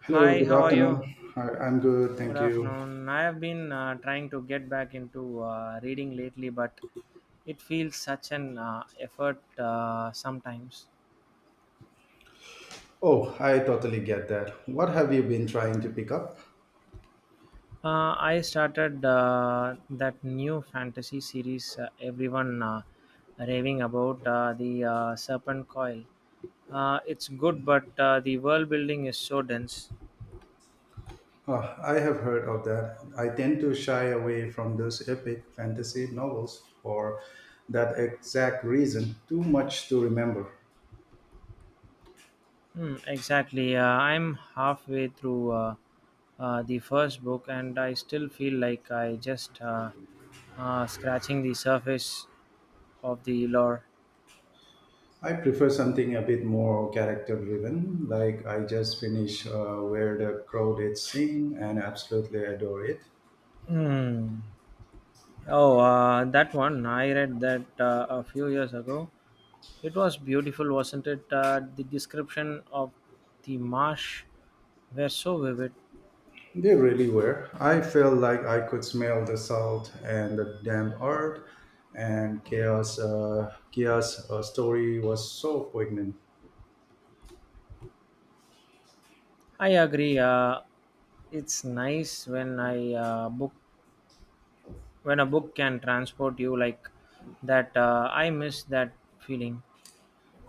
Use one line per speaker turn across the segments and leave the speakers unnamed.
Hello,
Hi,
good
how are
afternoon.
you?
Hi, I'm good,
Good
thank you.
afternoon. I have been trying to get back into reading lately, but it feels such an effort sometimes.
Oh, I totally get that. What have you been trying to pick up?
I started that new fantasy series everyone raving about, the Serpent Coil. It's good, but the world building is so dense.
Oh, I have heard of that. I tend to shy away from those epic fantasy novels for that exact reason. Too much to remember.
Hmm, exactly. I'm halfway through the first book, and I still feel like I just scratching the surface of the lore.
I prefer something a bit more character driven, like I just finished Where the Crowd Is Sing and absolutely adore it.
Hmm. Oh, that one I read that a few years ago. It was beautiful, wasn't it? The description of the marsh were so vivid.
They really were. I felt like I could smell the salt and the damp earth, and Kia's story was so poignant.
I agree. It's nice when I book when a book can transport you like that. I miss that feeling.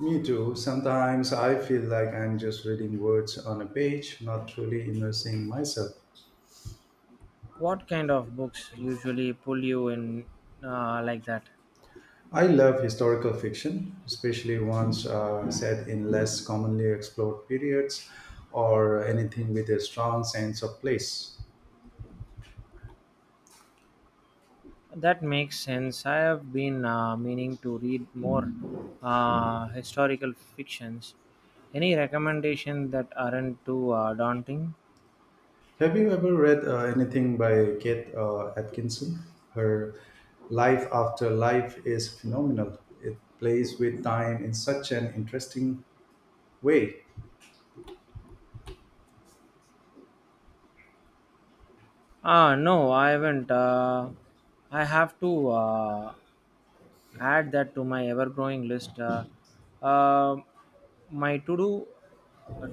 Me too. Sometimes I feel like I'm just reading words on a page, not truly immersing myself.
What kind of books usually pull you in like that?
I love historical fiction, especially ones set in less commonly explored periods or anything with a strong sense of place.
That makes sense. I have been meaning to read more historical fictions. Any recommendation that aren't too daunting?
Have you ever read anything by Kate Atkinson? Her life after life is phenomenal. It plays with time in such an interesting way.
Ah, no, I haven't. I have to add that to my ever growing list. Uh, my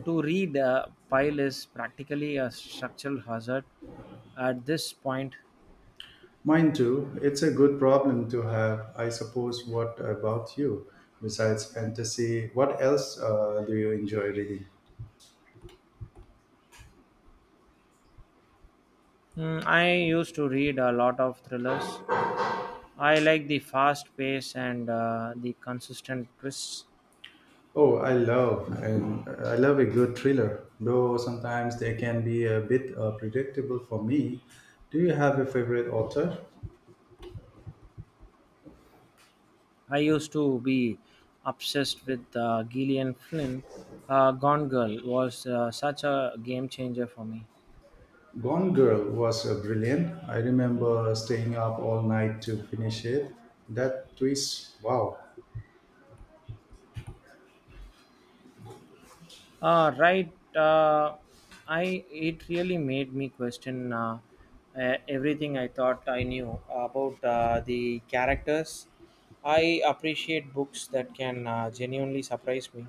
to read pile is practically a structural hazard at this point.
Mine too, it's a good problem to have. I suppose, what about you? Besides fantasy, what else do you enjoy reading?
Hmm, I used to read a lot of thrillers. I like the fast pace and the consistent twists.
Oh, I love a good thriller, though sometimes they can be a bit predictable for me. Do you have a favorite author?
I used to be obsessed with Gillian Flynn. Gone Girl was such a game changer for me.
Gone Girl was brilliant. I remember staying up all night to finish it. That twist, wow.
Right, uh, I it really made me question everything I thought I knew about the characters. I appreciate books that can genuinely surprise me.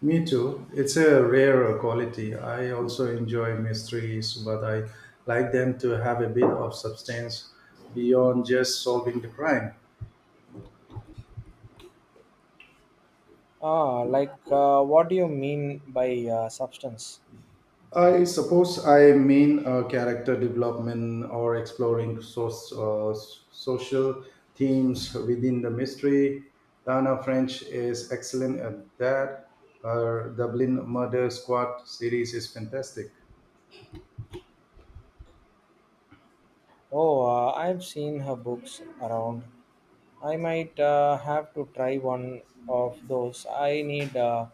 Me too. It's a rare quality. I also enjoy mysteries, but I like them to have a bit of substance beyond just solving the crime.
Ah, like what do you mean by substance?
I suppose I mean character development or exploring uh, social themes within the mystery. Dana French is excellent at that. Her Dublin Murder Squad series is fantastic.
Oh, I've seen her books around. I might have to try one of those. I need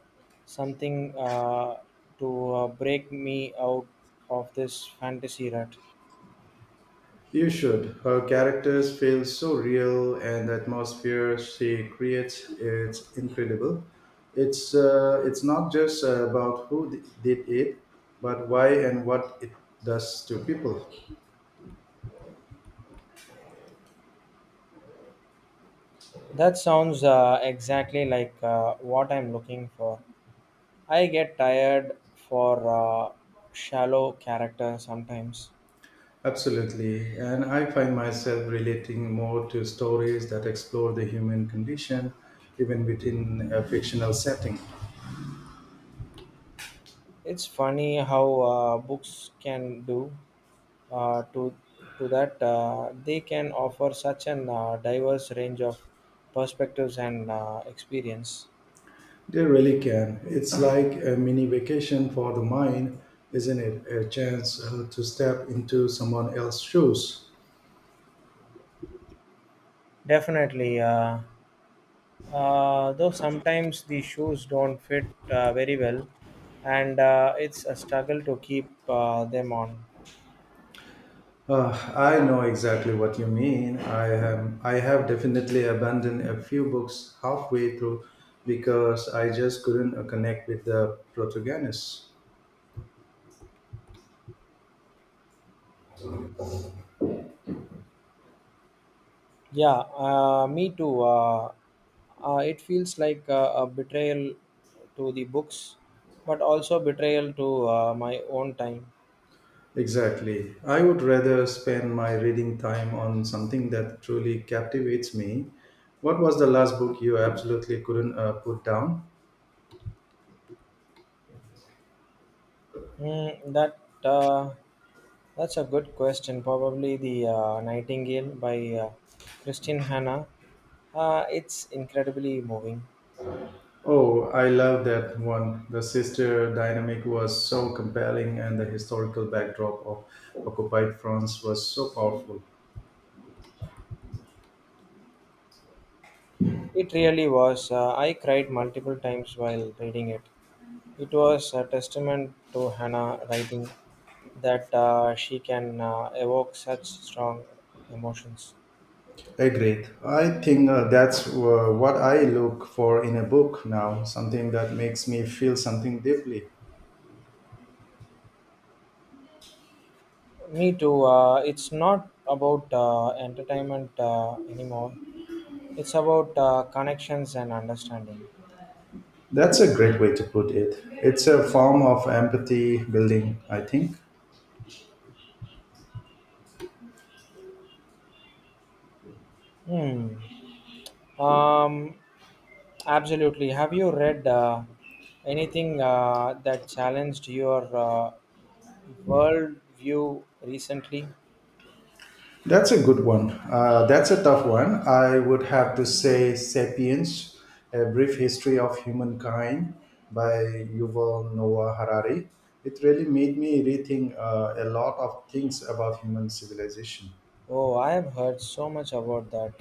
something to break me out of this fantasy rut.
You should. Her characters feel so real, and the atmosphere she creates is incredible. It's not just about who did it, but why and what it does to people.
That sounds exactly like what I'm looking for. I get tired for shallow character sometimes.
Absolutely. And I find myself relating more to stories that explore the human condition, even within a fictional setting.
It's funny how books can do uh, to to that they can offer such an diverse range of perspectives and experience.
They really can. It's like a mini vacation for the mind, isn't it? A chance to step into someone else's shoes.
Definitely, though sometimes the shoes don't fit very well, and it's a struggle to keep them on.
I know exactly what you mean. I have definitely abandoned a few books halfway through because I just couldn't connect with the protagonist.
Yeah, me too. It feels like a betrayal to the books, but also betrayal to my own time.
Exactly. I would rather spend my reading time on something that truly captivates me. What was the last book you absolutely couldn't put down?
Mm, that uh, that's a good question. Probably the Nightingale by uh, Christine Hanna. It's incredibly moving.
Oh, I love that one. The sister dynamic was so compelling, and the historical backdrop of occupied France was so powerful.
It really was. I cried multiple times while reading it. It was a testament to Hannah writing that she can evoke such strong emotions.
Agreed. I think that's what I look for in a book now, something that makes me feel something deeply.
Me too. It's not about entertainment anymore. It's about connections and understanding.
That's a great way to put it. It's a form of empathy building, I think.
Hmm. Um, Absolutely. Have you read anything that challenged your worldview recently?
That's a good one. That's a tough one. I would have to say Sapiens, A Brief History of Humankind by Yuval Noah Harari. It really made me rethink a lot of things about human civilization.
Oh, I have heard so much about that.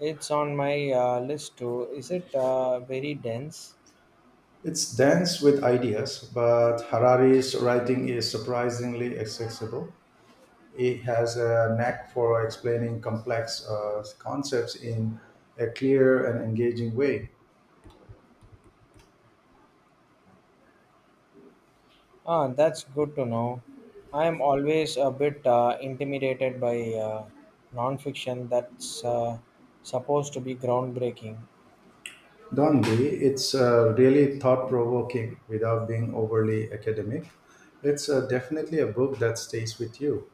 It's on my list too. Is it very dense?
It's dense with ideas, but Harari's writing is surprisingly accessible. He has a knack for explaining complex concepts in a clear and engaging way.
Ah, that's good to know. I am always a bit intimidated by nonfiction that's supposed to be groundbreaking.
Dondi, it's really thought provoking without being overly academic. It's definitely a book that stays with you.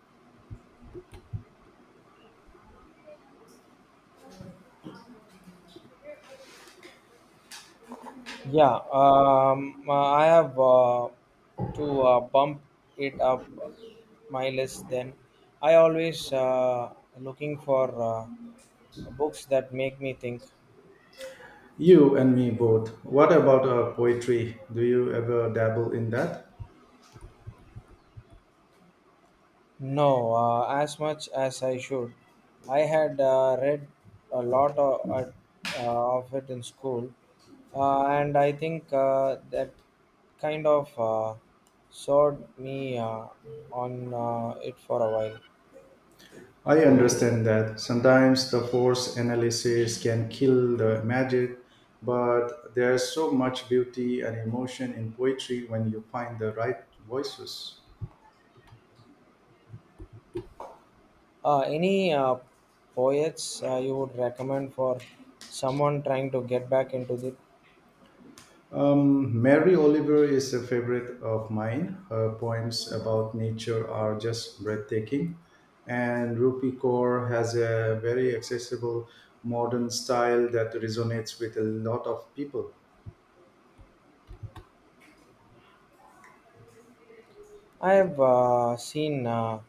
Yeah, I have to bump it up my list. Then I always looking for books that make me think.
You and me both. What about poetry? Do you ever dabble in that?
No, as much as I should. I had read a lot of it in school, and I think that kind of soured me on it for a while.
I understand that sometimes the force analysis can kill the magic, but there's so much beauty and emotion in poetry when you find the right voices.
Any poets you would recommend for someone trying to get back into the?
Mary Oliver is a favorite of mine. Her poems about nature are just breathtaking, and Rupi Kaur has a very accessible modern style that resonates with a lot of people.
I have seen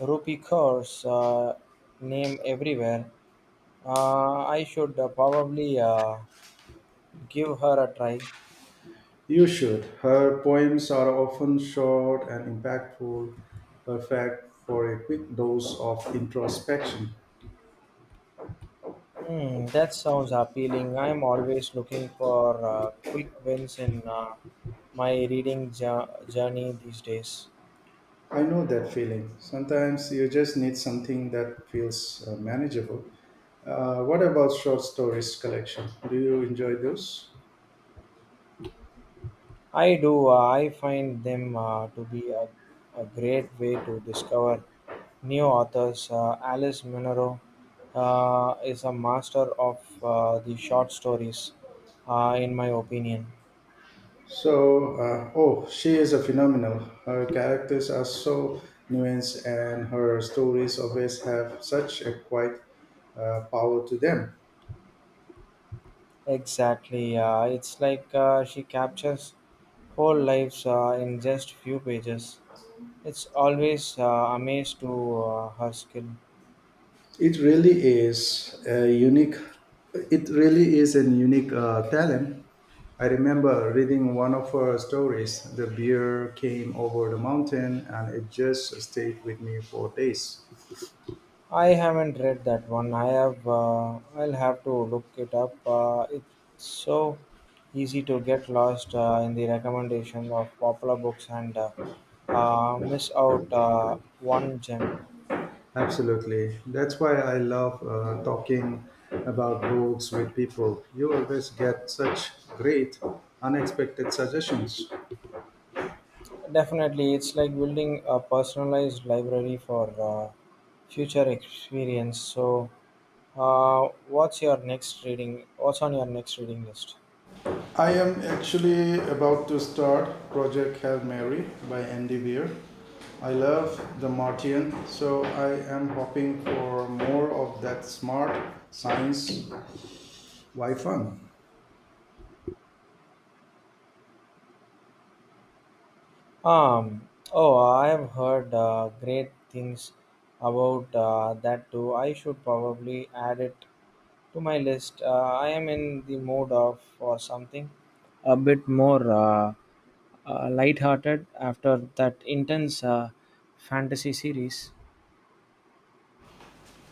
Rupi Kaur's name everywhere. I should probably give her a try.
You should. Her poems are often short and impactful, perfect for a quick dose of introspection.
Hmm, that sounds appealing. I'm always looking for quick wins in my reading journey these days.
I know that feeling. Sometimes you just need something that feels manageable. What about short stories collection? Do you enjoy those?
I do. I find them to be a great way to discover new authors. Alice Munro is a master of the short stories, in my opinion.
Oh, she is a phenomenal. Her characters are so nuanced, and her stories always have such a quiet power to them.
Exactly. It's like she captures whole lives in just few pages. It's always amazed to her skill.
It really is a unique. It really is a unique talent. I remember reading one of her stories. The bear came over the mountain, and it just stayed with me for days.
I haven't read that one. I'll have to look it up. It's so easy to get lost in the recommendation of popular books and miss out one gem.
Absolutely, that's why I love talking about books with people. You always get such great, unexpected suggestions.
Definitely, it's like building a personalized library for future experience. So, what's on your next reading list?
I am actually about to start Project Hail Mary by Andy Weir. I love the Martian, so I am hoping for more of that smart science Why fun?
Um, oh, I have heard great things about that too. I should probably add it to my list. I am in the mood of for something a bit more light-hearted after that intense fantasy series.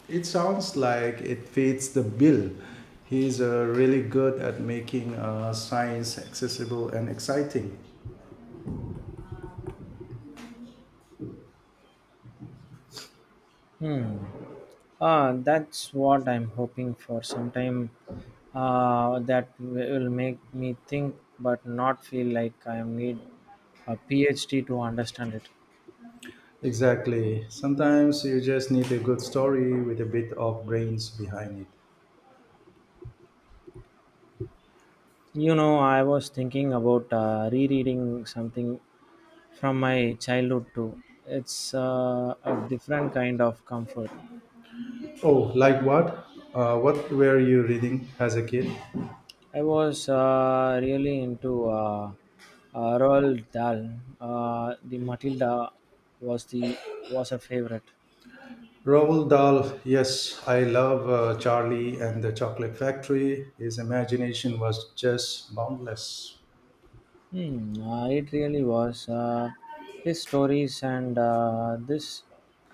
It sounds like it fits the bill. He's really good at making science accessible and exciting.
Hmm. That's what I'm hoping for. Sometime that will make me think, but not feel like I need a PhD to understand it.
Exactly. Sometimes you just need a good story with a bit of brains behind it.
You know, I was thinking about rereading something from my childhood too. It's a different kind of comfort.
Oh, like what? What were you roading as a kid?
I was really into Roald Dahl. The Matilda was the was a favorite.
Roald Dahl, yes, I love Charlie and the Chocolate Factory. His imagination was just boundless.
Hmm, it really was. His stories and this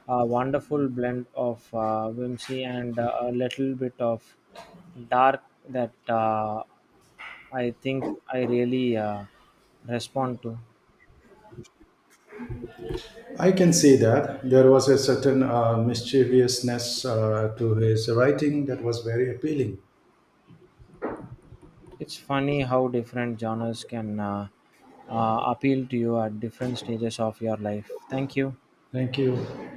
wonderful blend of whimsy and a little bit of dark that I think I really respond to.
I can see that. There was a certain mischievousness to his writing that was very appealing.
It's funny how different genres can appeal to you at different stages of your life. Thank you.
Thank you.